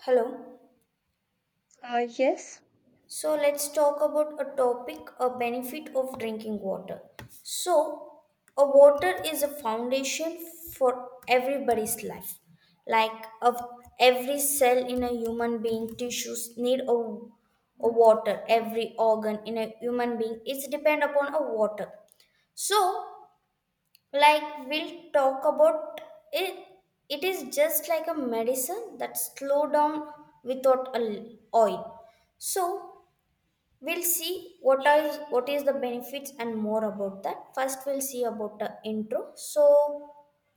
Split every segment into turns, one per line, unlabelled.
Hello.
Uh, yes.
So let's talk about a topic, a benefit of drinking water. So, a water is a foundation for everybody's life. Like of every cell in a human being, tissues need a water. Every organ in a human being is depend upon a water. So, like we'll talk about it. It is just like a medicine that slow down without a oil. So, We'll see what is the benefits and more about that. First, we'll see about the intro. So,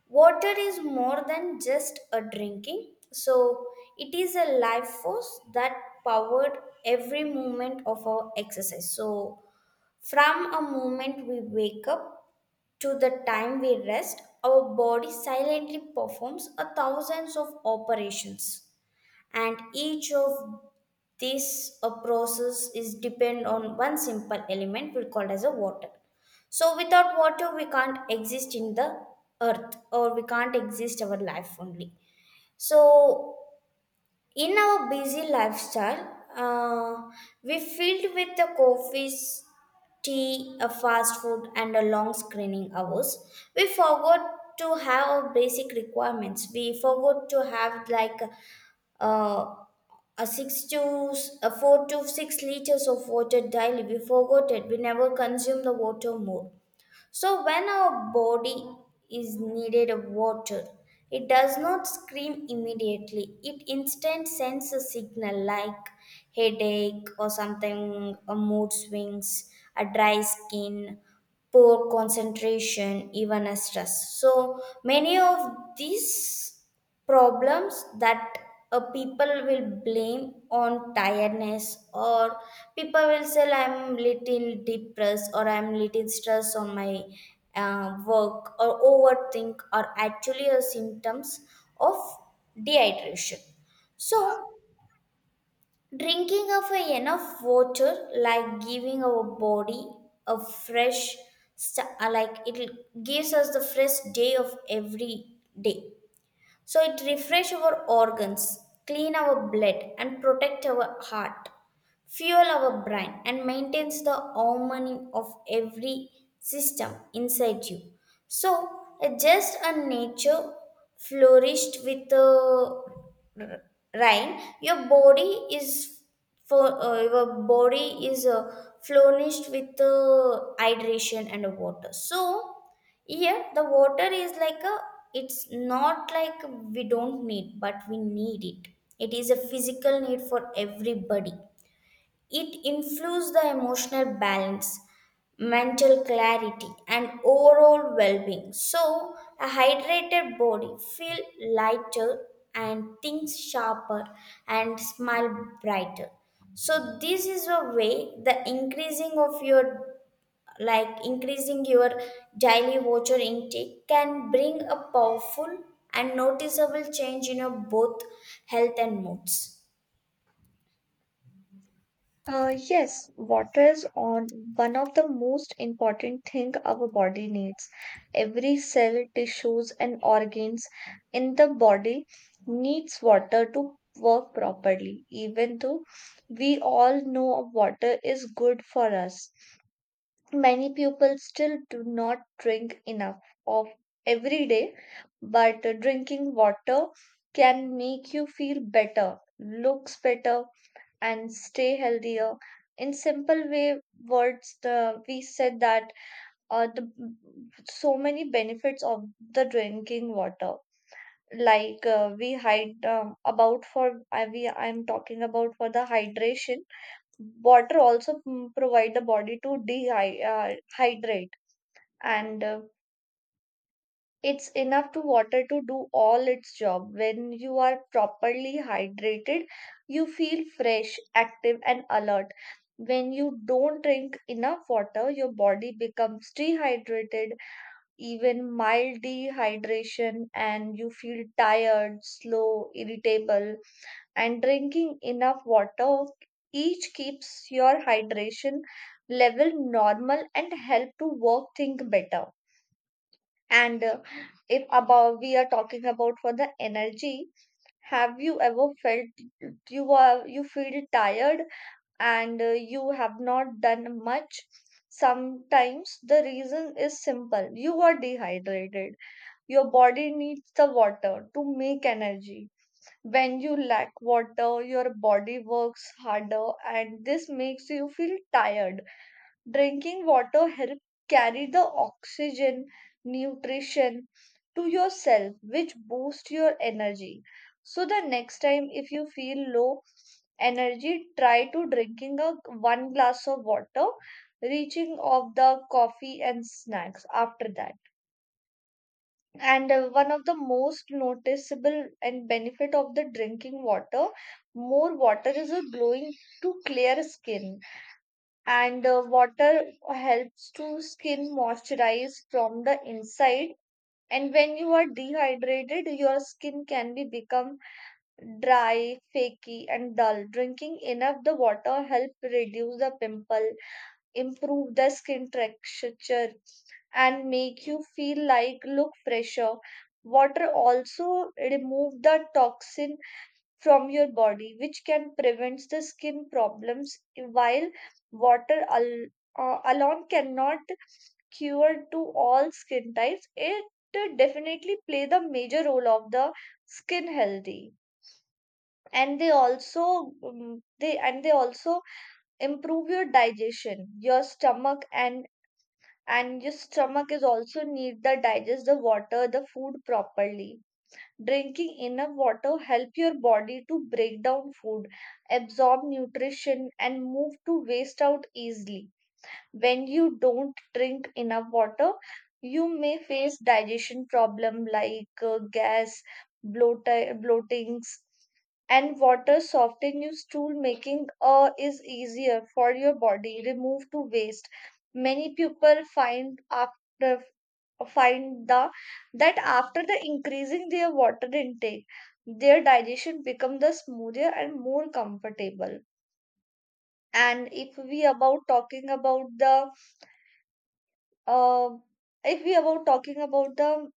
water is more than just a drinking. So, it is a life force that powered every movement of our exercise. So, from a moment we wake up to the time we rest, our body silently performs a thousands of operations and each of this a process is depend on one simple element we called as a water. So without water we can't exist in the earth, or we can't exist our life only. So in our busy lifestyle, we filled with the coffees, tea, a fast food, and a long screening hours. We forgot to have our basic requirements. We forgot to have like uh, a six to a 4 to 6 liters of water daily. We forgot it. We never consume the water more. So when our body is needed of water, it does not scream immediately. It instant sends a signal like headache or something, a mood swings, a dry skin, poor concentration, even a stress. So many of these problems that people will blame on tiredness, or people will say I'm little depressed or I'm little stressed on my work or overthink, are actually a symptoms of dehydration. So drinking of a enough water like giving our body a fresh like it gives us the fresh day of every day. So it refresh our organs, clean our blood and protect our heart, fuel our brain and maintains the harmony of every system inside you. So just a nature flourished with the rain, your body is for your body is flourished with hydration and water. So here the water is like a, it's not like we don't need, but we need it. It is a physical need for everybody. It influences the emotional balance, mental clarity, and overall well being. So, a hydrated body feel lighter and thinks sharper and smile brighter. So, this is a way the increasing of your, like increasing your daily water intake can bring a powerful and noticeable change in your both health and moods.
Yes, water is on one of the most important thing our body needs. Every cell, tissues, and organs in the body needs water to work properly. Even though we all know water is good for us, many people still do not drink enough of every day. But drinking water can make you feel better, looks better, and stay healthier in simple way words the we said that the so many benefits of the drinking water like we hide about for I'm talking about for the hydration. Water also provide the body to dehydrate hydrate and it's enough to water to do all its job. When you are properly hydrated, you feel fresh, active, and alert. When you don't drink enough water, your body becomes dehydrated, even mild dehydration, and you feel tired, slow, irritable. And drinking enough water each keeps your hydration level normal and help to work think better. And if about we are talking about for the energy, have you ever felt you feel tired and you have not done much? Sometimes the reason is simple. You are dehydrated. Your body needs the water to make energy. When you lack water, your body works harder and this makes you feel tired. Drinking water helps carry the oxygen, nutrition to your cell, which boosts your energy. So the next time if you feel low energy, try to drinking a one glass of water, reaching of the coffee and snacks after that. And one of the most noticeable and benefit of the drinking water, more water is a glowing to clear skin, and the water helps to skin moisturize from the inside. And when you are dehydrated your skin can be become dry flaky and dull. Drinking enough the water help reduce the pimple, improve the skin texture, and make you feel like look fresher. Water also remove the toxin from your body, which can prevent the skin problems, while water al- alone cannot cure to all skin types. It definitely play the major role of the skin healthy. And they also they also improve your digestion your stomach and your stomach is also need the digest the water the food properly. Drinking enough water help your body to break down food, absorb nutrition and move to waste out easily. When you don't drink enough water, you may face digestion problem like gas, bloat- bloatings, and water soften your stool making is easier for your body remove to waste. Many people find the that after the increasing their water intake their digestion become the smoother and more comfortable. And if we about talking about the uh, if we about talking about the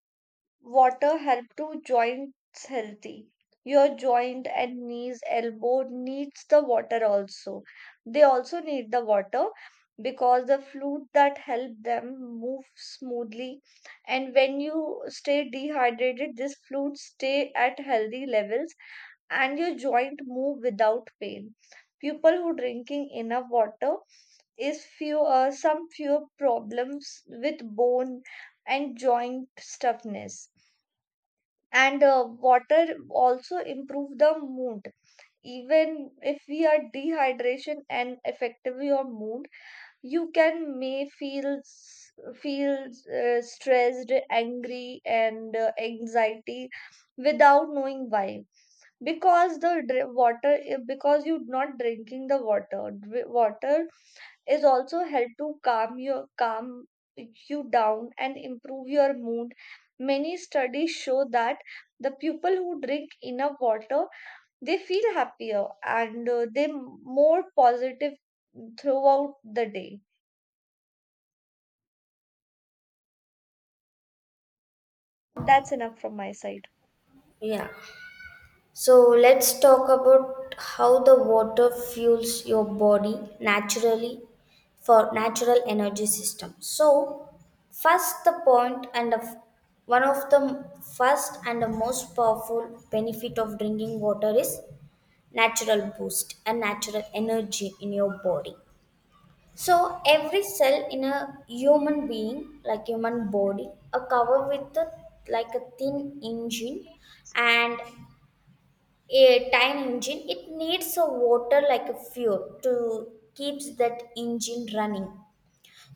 water help to joints healthy. Your joint and knees, elbow needs the water also. They also need the water because the fluid that help them move smoothly, and when you stay dehydrated this fluid stay at healthy levels and your joint move without pain. People who drinking enough water is few some fewer problems with bone and joint stiffness. And water also improve the mood. Even if we are dehydration and affective your mood, you can may feel stressed angry and anxiety without knowing why, because the dr- water eh, because you're not drinking the water. Water is also help to calm you down and improve your mood. Many studies show that the people who drink enough water, they feel happier and they more positive throughout the day. That's enough from my side.
Yeah. So let's talk about how the water fuels your body naturally for natural energy system. So first the point and one of the first and the most powerful benefit of drinking water is natural boost and natural energy in your body. So every cell in a human being, like human body, are covered with a, like a thin engine, and a time engine it needs a water like a fuel to keeps that engine running.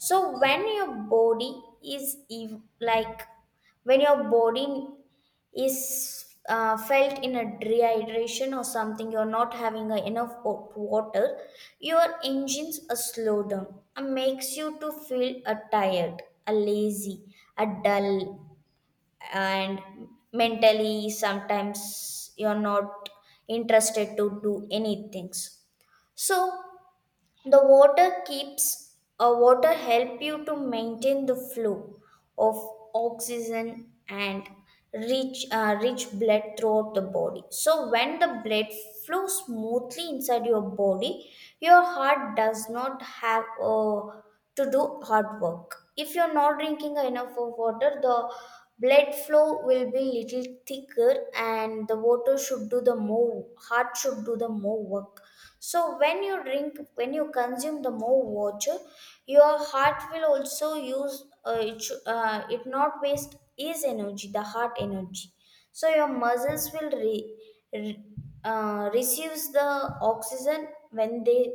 So when your body is felt in a dehydration or something, you're not having a enough water. Your engines are slow down and makes you to feel a tired, a lazy, a dull, and mentally sometimes you're not interested to do any things. So the water keeps water help you to maintain the flow of oxygen and reach rich blood throughout the body. So when the blood flows smoothly inside your body, your heart does not have to do hard work. If you're not drinking enough of water, the blood flow will be little thicker, and the water should do the more, heart should do the more work. So when you drink, when you consume the more water, your heart will also use it. It not waste is energy, the heart energy. So your muscles will re- receives the oxygen when they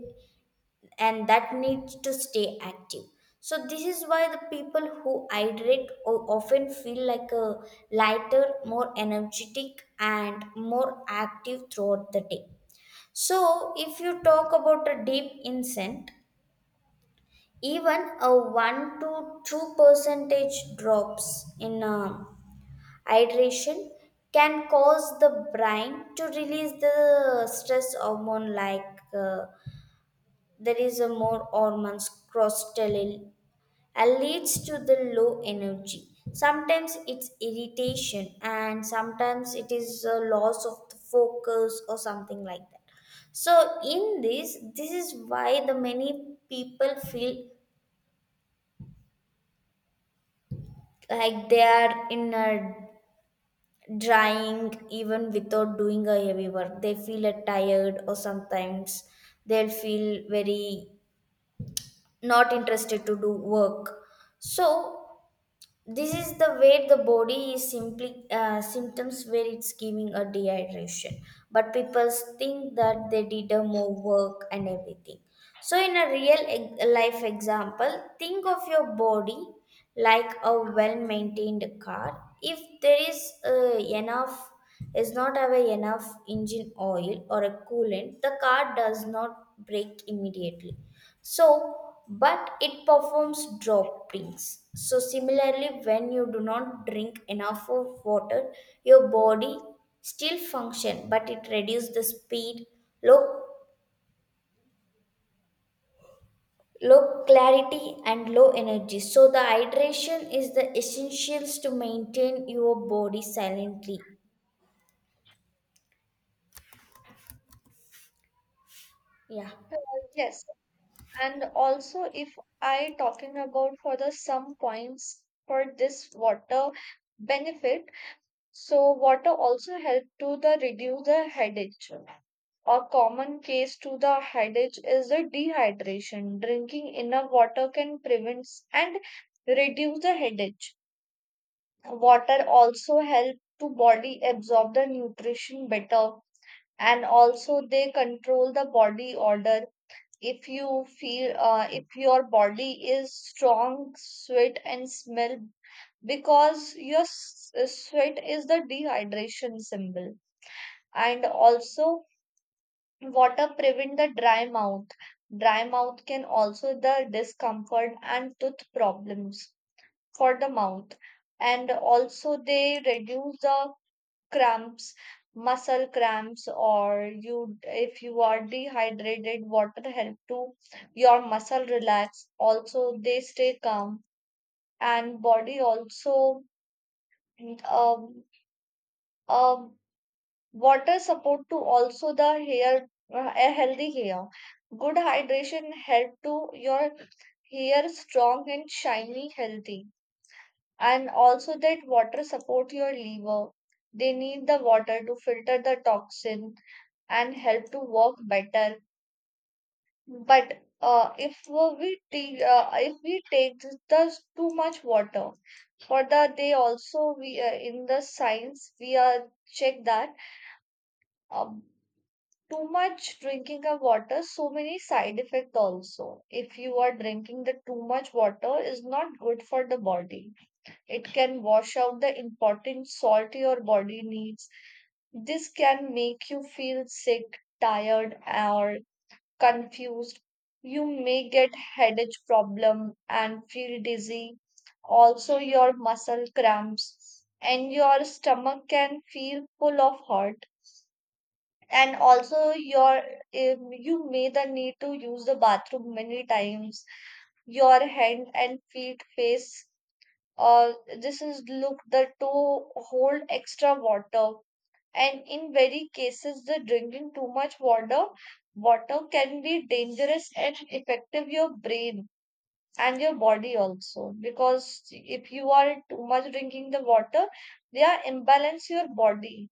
and that needs to stay active. So this is why the people who hydrate often feel like a lighter, more energetic, and more active throughout the day. So, if you talk about a deep insect, even a 1 to 2 percentage drops in hydration can cause the brain to release the stress hormone like there is a more hormones cortisol and leads to the low energy. Sometimes it's irritation, and sometimes it is a loss of the focus or something like that. So, this is why the many people feel like they are in a drying even without doing a heavy work. They feel a tired, or sometimes they'll feel very not interested to do work. So, this is the way the body is simply symptoms where it's giving a dehydration. But people think that they did a more work and everything. So in a real life example, think of your body like a well-maintained car. If there is enough is not have enough engine oil or a coolant, the car does not break immediately. So, but it performs droppings. So, similarly, when you do not drink enough of water, your body still function, but it reduces the speed, low low clarity and low energy. So the hydration is the essentials to maintain your body silently. Yeah.
Yes, and also if I talking about for the some points for this water benefit, so water also help to the reduce the headache. A common case to the adage is the dehydration. Drinking enough water can prevent and reduce the headache. Water also help to body absorb the nutrition better, and also they control the body odor. If your body is strong, sweat and smell because sweat is the dehydration symbol. And also water prevent the dry mouth. Dry mouth can also the discomfort and tooth problems for the mouth. And also they reduce the cramps, muscle cramps, or you if you are dehydrated, water help to your muscle relax. Also they stay calm, and body also um, um, water support to also the hair, a healthy hair. Good hydration help to your hair strong and shiny, healthy. And also that water support your liver. They need the water to filter the toxin and help to work better. But if we take the too much water for the they also we in the science we are check that. Uh, Too much drinking of water, so many side effects also. If you are drinking the too much water is not good for the body, it can wash out the important salt your body needs. This can make you feel sick tired or confused. You may get headache problem and feel dizzy. Also your muscle cramps and your stomach can feel full of hurt. And also your you may the need to use the bathroom many times. Your hand and feet face uh, this is look the to hold extra water. And in very cases the drinking too much water, water can be dangerous and affective your brain and your body also. Because if you are too much drinking the water, they are imbalance your body,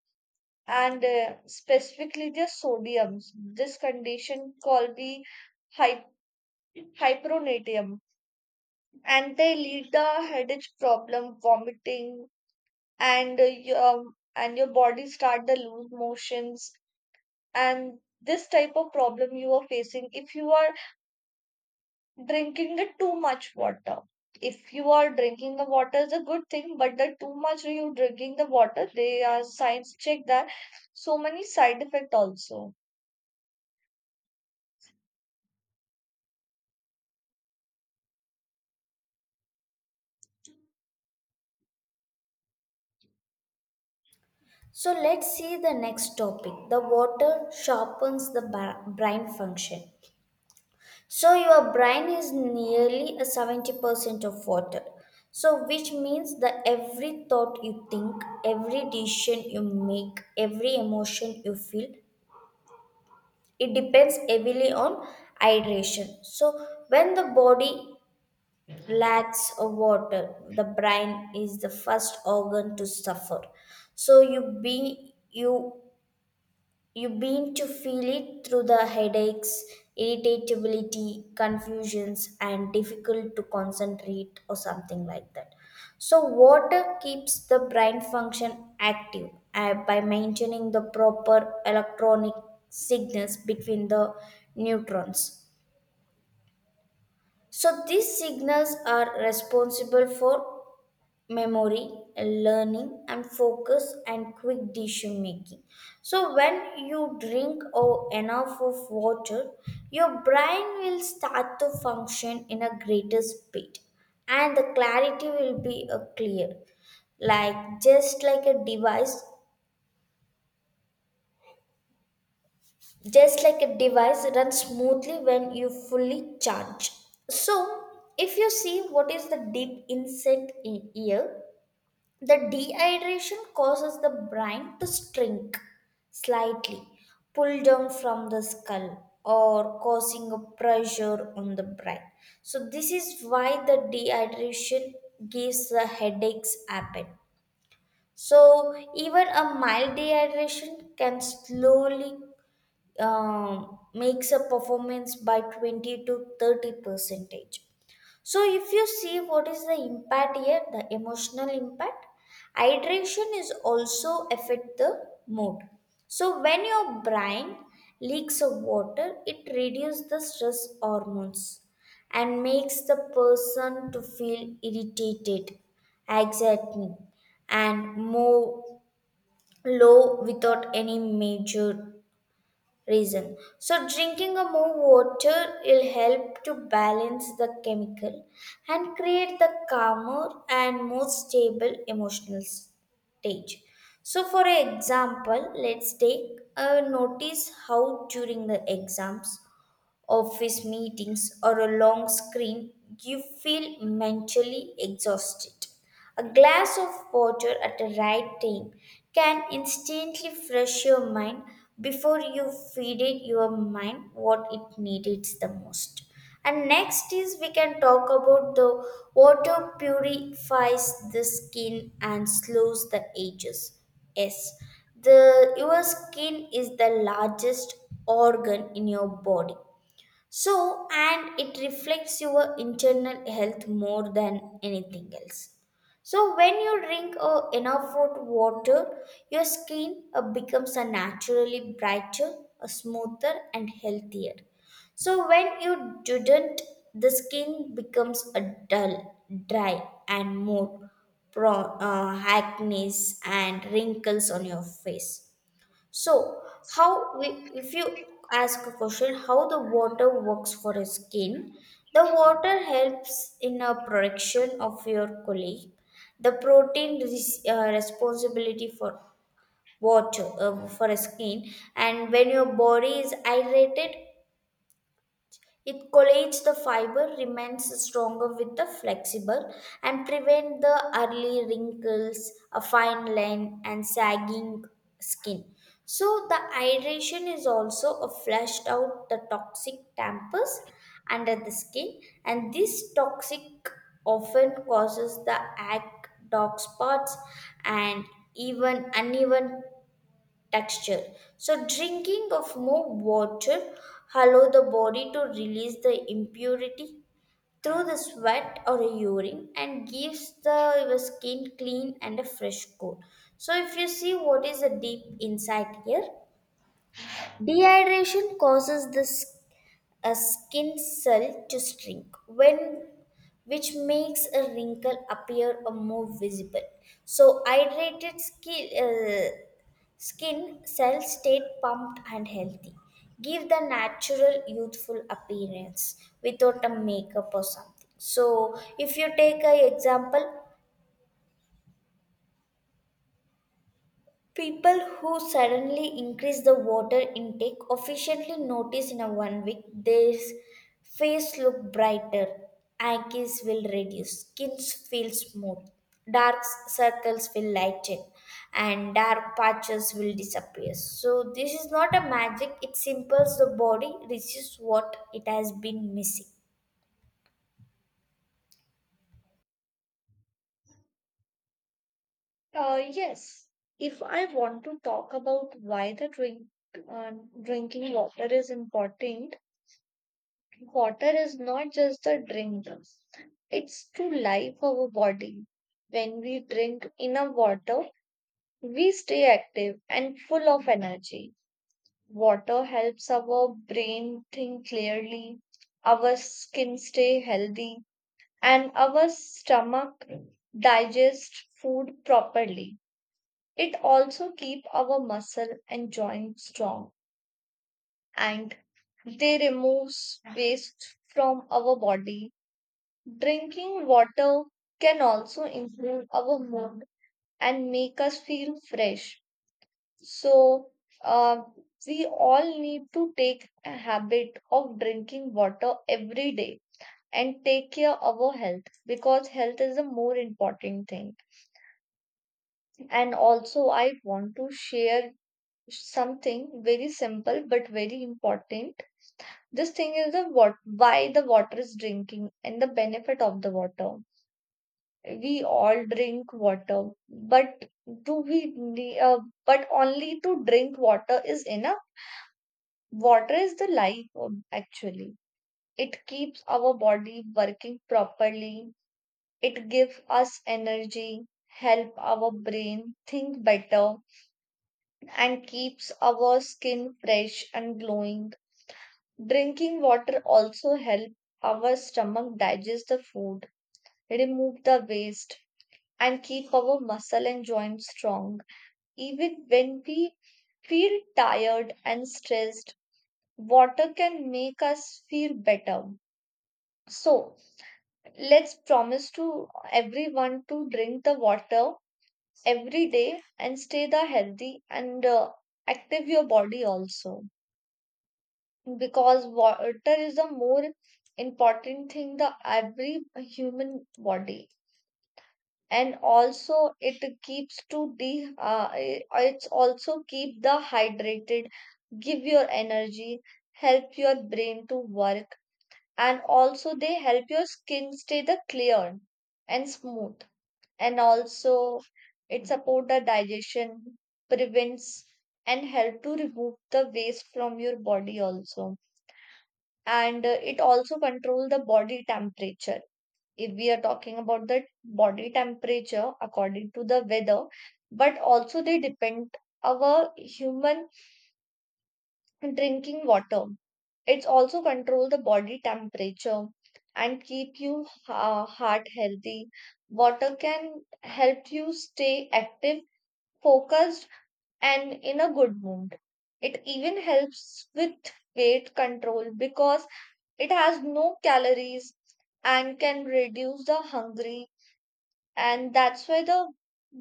and specifically the sodiums. This condition called the hy- hyperonatium, and they lead the headache problem, vomiting, and your and your body start the loose motions. And this type of problem you are facing if you are drinking the too much water. If you are drinking the water is a good thing, but the too much you drinking the water, they are science check that, so many side effect also.
So let's see the next topic, the water sharpens the brain function. So your brain is nearly a 70% of water. So which means that every thought you think, every decision you make, every emotion you feel, it depends heavily on hydration. So when the body lacks of water, the brain is the first organ to suffer. So you be you you begin to feel it through the headaches, irritability, confusions, and difficult to concentrate, or something like that. So, water keeps the brain function active by maintaining the proper electronic signals between the neutrons. So, these signals are responsible for memory, learning, and focus, and quick decision making. So, when you drink or enough of water, your brain will start to function in a greater speed, and the clarity will be clear. Like just like a device, just like a device runs smoothly when you fully charge. So, if you see what is the deep insight in here, the dehydration causes the brain to shrink slightly, pull down from the skull, or causing a pressure on the brain. So, this is why the dehydration gives the headaches happen. So, even a mild dehydration can slowly makes a performance by 20 to 30 percentage. So, if you see what is the impact here, the emotional impact, hydration is also affect the mood. So, when your brain leaks of water, it reduces the stress hormones and makes the person to feel irritated, exciting, and more low without any major reason. So, drinking a more water will help to balance the chemical and create the calmer and more stable emotional stage. So, for example, let's take a notice how during the exams, office meetings, or a long screen, you feel mentally exhausted. A glass of water at the right time can instantly fresh your mind before you feeded your mind what it needed the most. And next is we can talk about the water purifies the skin and slows the ages. Yes, the your skin is the largest organ in your body. So, and it reflects your internal health more than anything else. So, when you drink enough hot water, your skin becomes a naturally brighter, smoother, and healthier. So, when you didn't, the skin becomes a dull, dry, and more acne and wrinkles on your face. So, how we, if you ask a question, how the water works for a skin, the water helps in a production of your collagen. The protein is responsibility for water for a skin, and when your body is hydrated, it collates the fiber, remains stronger with the flexible, and prevent the early wrinkles, a fine line, and sagging skin. So the hydration is also a flushed out the toxic tampers under the skin, and this toxic often causes the acne, dark spots, and even uneven texture. So drinking of more water allow the body to release the impurity through the sweat or urine and gives the your skin clean and a fresh coat. So if you see what is the deep insight here, dehydration causes this a skin cell to shrink, when which makes a wrinkle appear or more visible. So hydrated skin, skin cells stay pumped and healthy, give the natural youthful appearance without a makeup or something. So if you take a example, people who suddenly increase the water intake officially notice in a one week their face look brighter, aches will reduce, skins feel smooth, dark circles will lighten, and dark patches will disappear. So this is not a magic; it simples the body receives what it has been missing.
Yes, if I want to talk about why the drink uh, drinking water is important, water is not just a drink. It's to life our body. When we drink enough water, we stay active and full of energy. Water helps our brain think clearly, our skin stay healthy, and our stomach digest food properly. It also keep our muscle and joint strong, and they removes waste from our body. Drinking water can also improve our mood and make us feel fresh. So uh, we all need to take a habit of drinking water every day and take care of our health because health is the more important thing. And also I want to share something very simple but very important. This thing is the what why the water is drinking and the benefit of the water. We all drink water, but do we but only to drink water is enough? Water is the life actually. It keeps our body working properly. It gives us energy, help our brain think better, and keeps our skin fresh and glowing. Drinking water also help our stomach digest the food, remove the waste, and keep our muscle and joints strong. Even when we feel tired and stressed, water can make us feel better. So let's promise to everyone to drink the water every day and stay the healthy and active your body also. Because water is a more important thing the every human body. And also it keeps to the it's also keep the hydrated, give your energy, help your brain to work, and also they help your skin stay the clear and smooth. And also it support the digestion, prevents and help to remove the waste from your body also. And it also control the body temperature. If we are talking about the body temperature according to the weather, but also they depend our human drinking water, it's also control the body temperature and keep you heart healthy. Water can help you stay active, focused, and in a good mood. It even helps with weight control because it has no calories and can reduce the hungry. And that's why the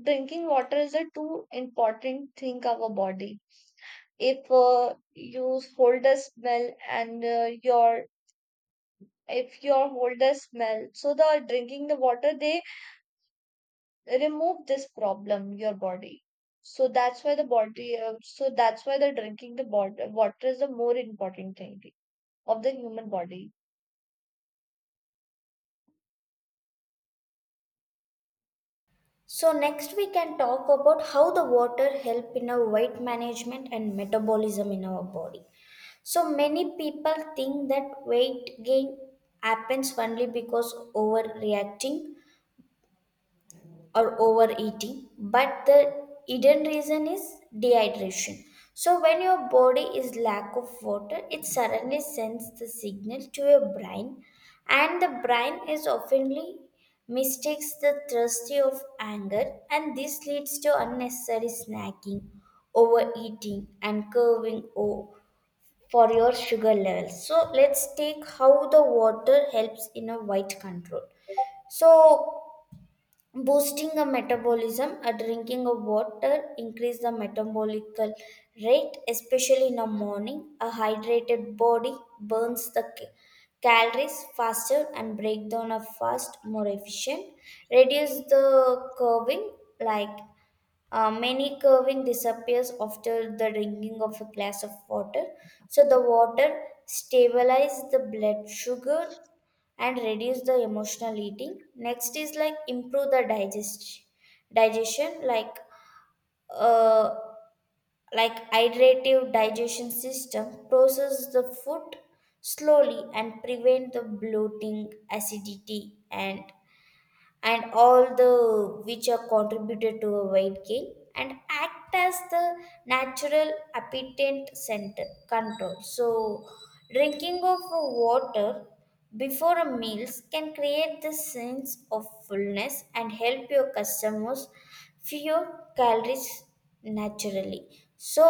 drinking water is a too important thing of our body. If you hold a smell and your if your hold a smell, so the drinking the water they remove this problem your body. So that's why the body. So that's why the water is the more important thing of the human body.
So next we can talk about how the water help in our weight management and metabolism in our body. So many people think that weight gain happens only because overreacting or overeating, but the hidden reason is dehydration. So when your body is lack of water, it suddenly sends the signal to your brain, and the brain is oftenly mistakes the thirsty of anger, and this leads to unnecessary snacking, overeating, and curving for your sugar levels. So let's take how the water helps in a weight control. So boosting a metabolism, a drinking of water increase the metabolic rate, especially in the morning. A hydrated body burns the calories faster and break down a fast more efficient. Reduce the curving like many curving disappears after the drinking of a glass of water. So the water stabilizes the blood sugar and reduce the emotional eating. Next is like improve the digestion uh, like hydrative digestion system process the food slowly and prevent the bloating, acidity and all the which are contributed to a weight gain and act as the natural appetite center control, so drinking of water before a meals can create the sense of fullness and help your customers fewer calories naturally. So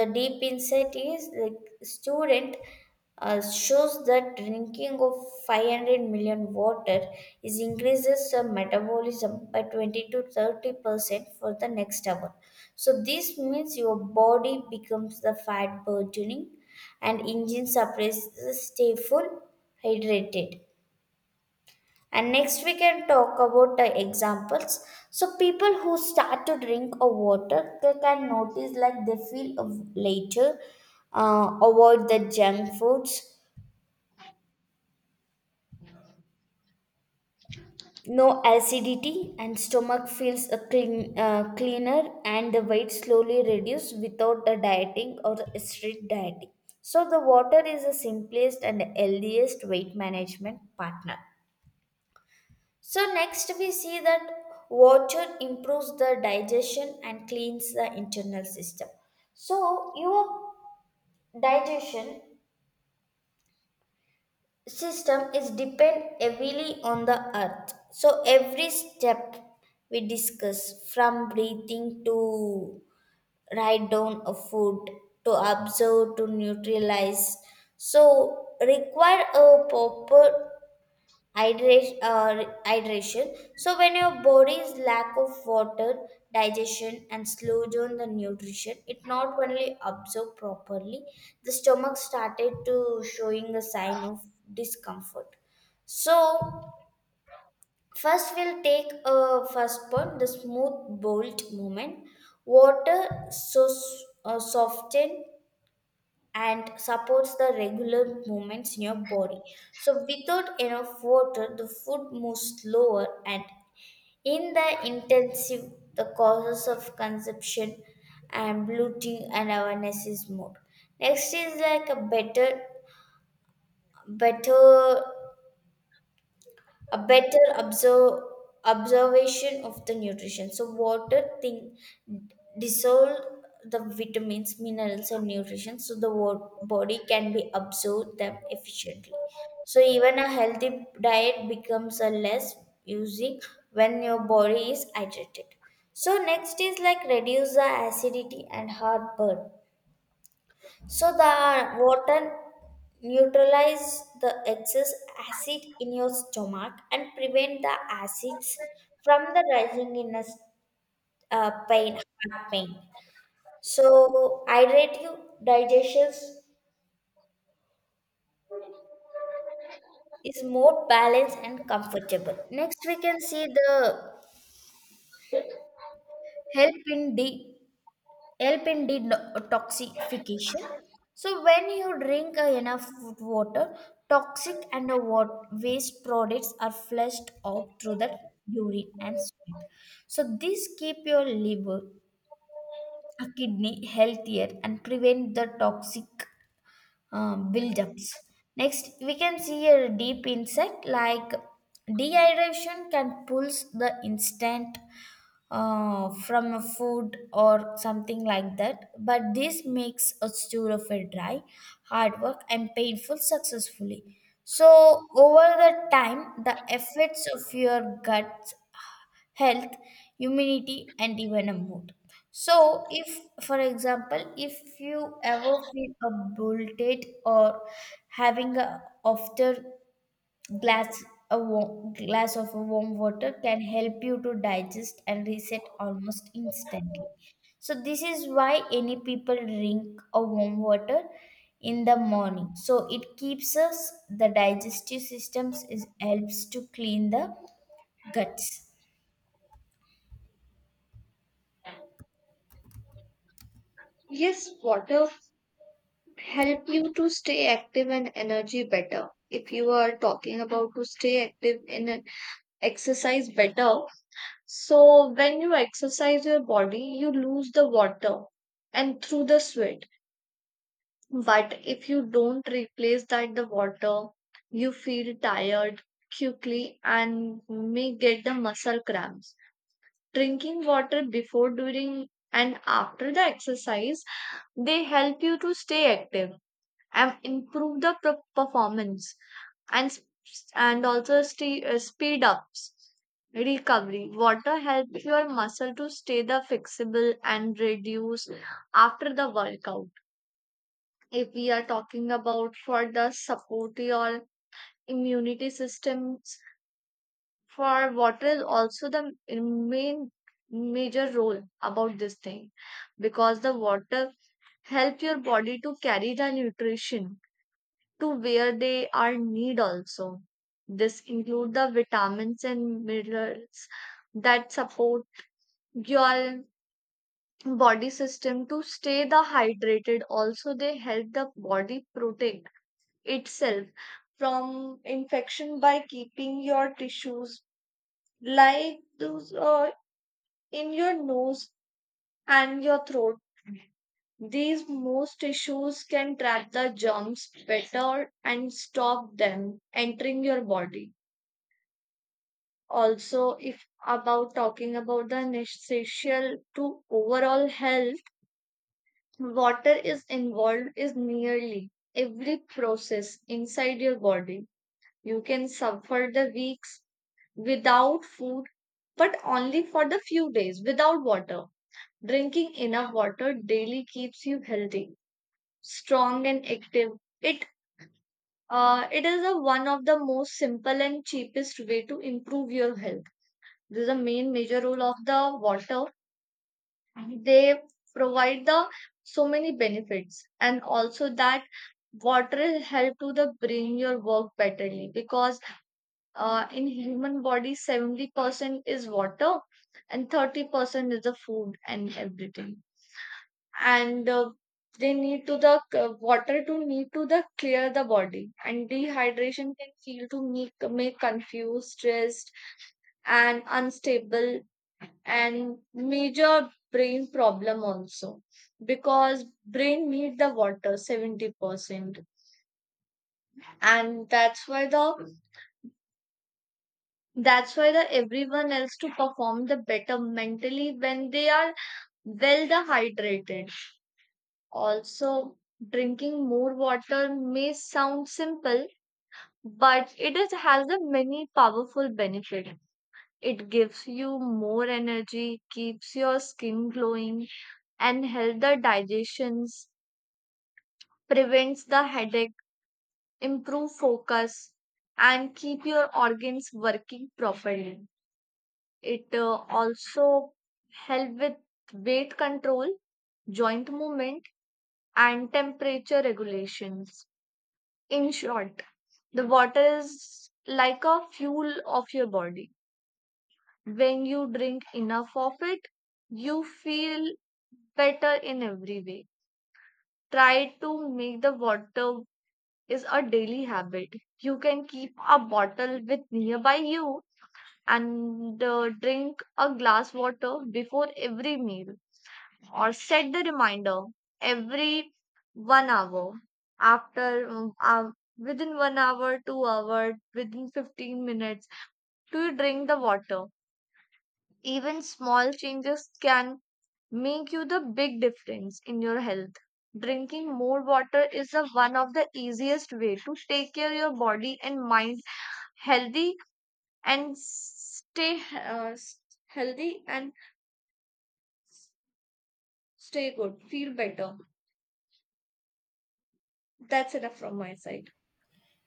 the deep insight is the student shows that drinking of 500 million water is increases the metabolism by 20 to 30% for the next hour. So this means your body becomes the fat burgeoning and engine suppresses stay full hydrated. And next we can talk about the examples. So people who start to drink a water they can notice like they feel later, avoid the junk foods. No acidity and stomach feels a clean, cleaner, and the weight slowly reduced without a dieting or a strict dieting. So the water is the simplest and healthiest weight management partner. So next we see that water improves the digestion and cleans the internal system. So your digestion system is depend heavily on the earth, so every step we discuss from breathing to write down a food to observe to neutralize so require a proper hydration. So when your body's lack of water, digestion, and slow down the nutrition, it not only absorb properly, the stomach started to showing a sign of discomfort. So first we'll take a first point, the smooth bolt movement. Water so soften and supports the regular movements in your body. So, without enough water, the food moves slower, and in the intensive, the causes of consumption and bloating and awareness is more. Next is like a better better observe observation of the nutrition, so water thing dissolve the vitamins minerals and nutrition so the body can be absorb them efficiently, so even a healthy diet becomes a less using when your body is hydrated. So next is like reduce the acidity and heartburn, so the water neutralize the excess acid in your stomach and prevent the acids from the rising in a pain, heart pain. So hydrative digestion is more balanced and comfortable. Next, we can see the help in D help in detoxification. So when you drink enough water, toxic and waste products are flushed out through the urine and sweat. So this keep your liver, kidney healthier and prevent the toxic buildups. Next, we can see a deep insight like dehydration can pulse the instant from a food or something like that. But this makes a story of a dry, hard work and painful successfully. So over the time, the effects of your gut health, immunity, and even a mood. So, if for example, if you ever feel a bloated or having a after glass, a warm, glass of warm water can help you to digest and reset almost instantly, so this is why any people drink a warm water in the morning, so it keeps us the digestive systems is helps to clean the guts.
Yes, water help you to stay active and energy better. If you are talking about to stay active in exercise better, so when you exercise your body you lose the water and through the sweat. But if you don't replace that the water, you feel tired quickly and may get the muscle cramps. Drinking water before during and after the exercise, they help you to stay active, I've improved the performance, and speed ups recovery. Water helps your muscle to stay the flexible and reduce after the workout. If we are talking about for the support your immunity systems, for water is also the main major role about this thing, because the water help your body to carry the nutrition to where they are need also. This include the vitamins and minerals that support your body system to stay the hydrated. Also, they help the body protect itself from infection by keeping your tissues like those in your nose and your throat. These most tissues can trap the germs better and stop them entering your body. Also if about talking about the necessary to overall health, water is involved is nearly every process inside your body. You can suffer the weeks without food, but only for the few days without water. Drinking enough water daily keeps you healthy, strong and active. it it is a one of the most simple and cheapest way to improve your health. This is the main major role of the water. They provide the so many benefits, and also that water help to the bring your work betterly, because in human body 70% is water and 30% is the food and everything. And they need to the water to need to the clear the body, and dehydration can feel to make confused stressed and unstable, and major brain problem also, because brain need the water 70%. And that's why the everyone else to perform the better mentally when they are well the hydrated. Also drinking more water may sound simple, but it is, has a many powerful benefit. It gives you more energy, keeps your skin glowing, and help the digestions, prevents the headache, improve focus, and keep your organs working properly. It also help with weight control, joint movement, and temperature regulations. In short, the water is like a fuel of your body. When you drink enough of it, you feel better in every way. Try to make the water is a daily habit. You can keep a bottle with nearby you and drink a glass water before every meal or set the reminder every 1 hour after within 1 hour 2-hour within 15 minutes to drink the water. Even small changes can make you the big difference in your health. Drinking more water is the one of the easiest way to take care your body and mind healthy and stay healthy and stay good, feel better. That's enough from my side.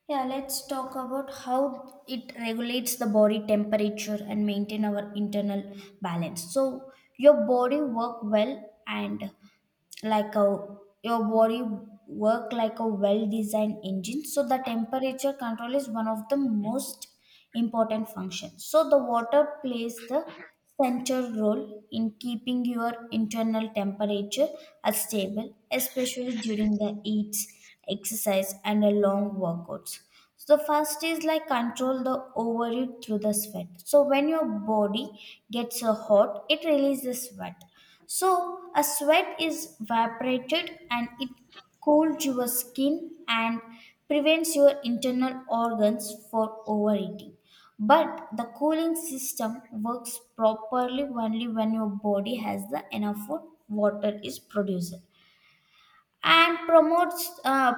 Yeah, let's talk about how it regulates the body temperature and maintain our internal balance. So your body work well and like a your body work like a well designed engine. So the temperature control is one of the most important function. So the water plays the central role in keeping your internal temperature as stable, especially during the eats, exercise, and a long workouts. So the first is like control the overheat through the sweat. So when your body gets hot, it releases sweat, so a sweat is evaporated and it cools your skin and prevents your internal organs for overeating. But the cooling system works properly only when your body has the enough food, water is produced and promotes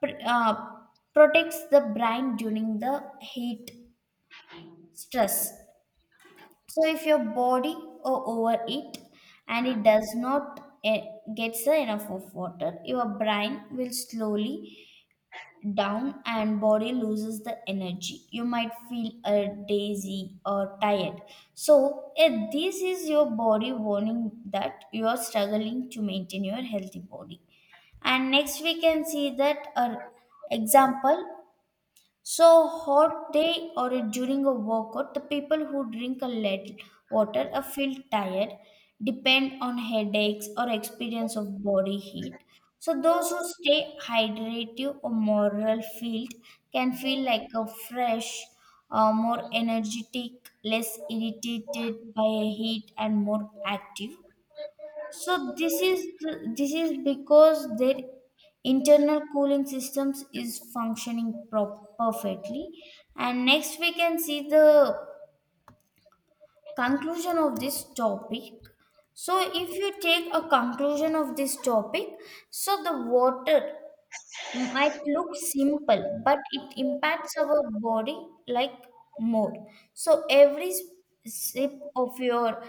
pr- uh, protects the brain during the heat stress. So if your body overeat and it does not gets the enough of water, your brain will slowly down and body loses the energy. You might feel dizzy or tired. So this is your body warning that you are struggling to maintain your healthy body. And next we can see that an example. So, hot day or during a workout, the people who drink a lead water or feel tired depend on headaches or experience of body heat. So, those who stay hydrated or moral filled can feel like a fresh, more energetic, less irritated by heat, and more active. So this is because their internal cooling systems is functioning perfectly. And next we can see the conclusion of this topic. So if you take a conclusion of this topic, so the water might look simple, but it impacts our body like more. So every sip of your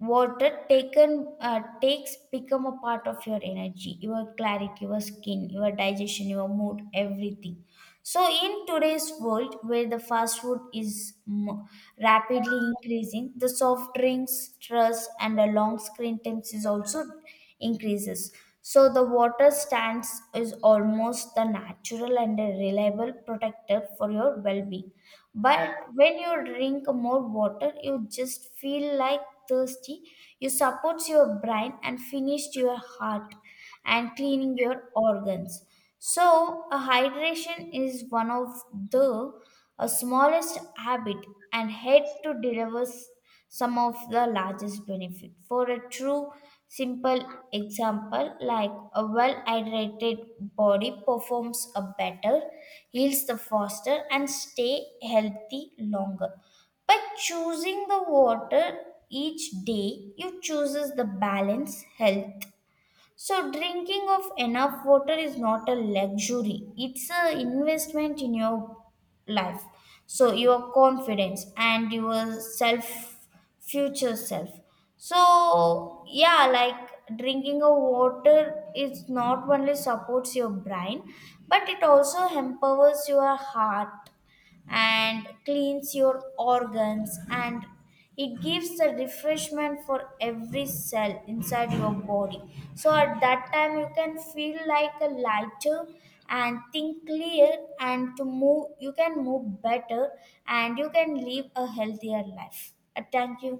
water taken takes become a part of your energy, your clarity, your skin, your digestion, your mood, everything. So, in today's world where the fast food is rapidly increasing, the soft drinks, stress, and the long screen times is also increases. So, the water stands is almost the natural and a reliable protector for your well being. But when you drink more water, you just feel like thirsty. You supports your brain and finished your heart and cleaning your organs. So, a hydration is one of the smallest habit and head to deliver some of the largest benefit. For a true simple example, like a well hydrated body performs a better, heals the faster, and stay healthy longer. By choosing the water each day, you chooses the balance, health. So, drinking of enough water is not a luxury, it's an investment in your life. So, your confidence and your self, future self. So, yeah, like drinking of water is not only supports your brain, but it also empowers your heart and cleans your organs and it gives the refreshment for every cell inside your body, so at that time you can feel like a lighter and think clear and to move you can move better and you can live a healthier life. Thank you.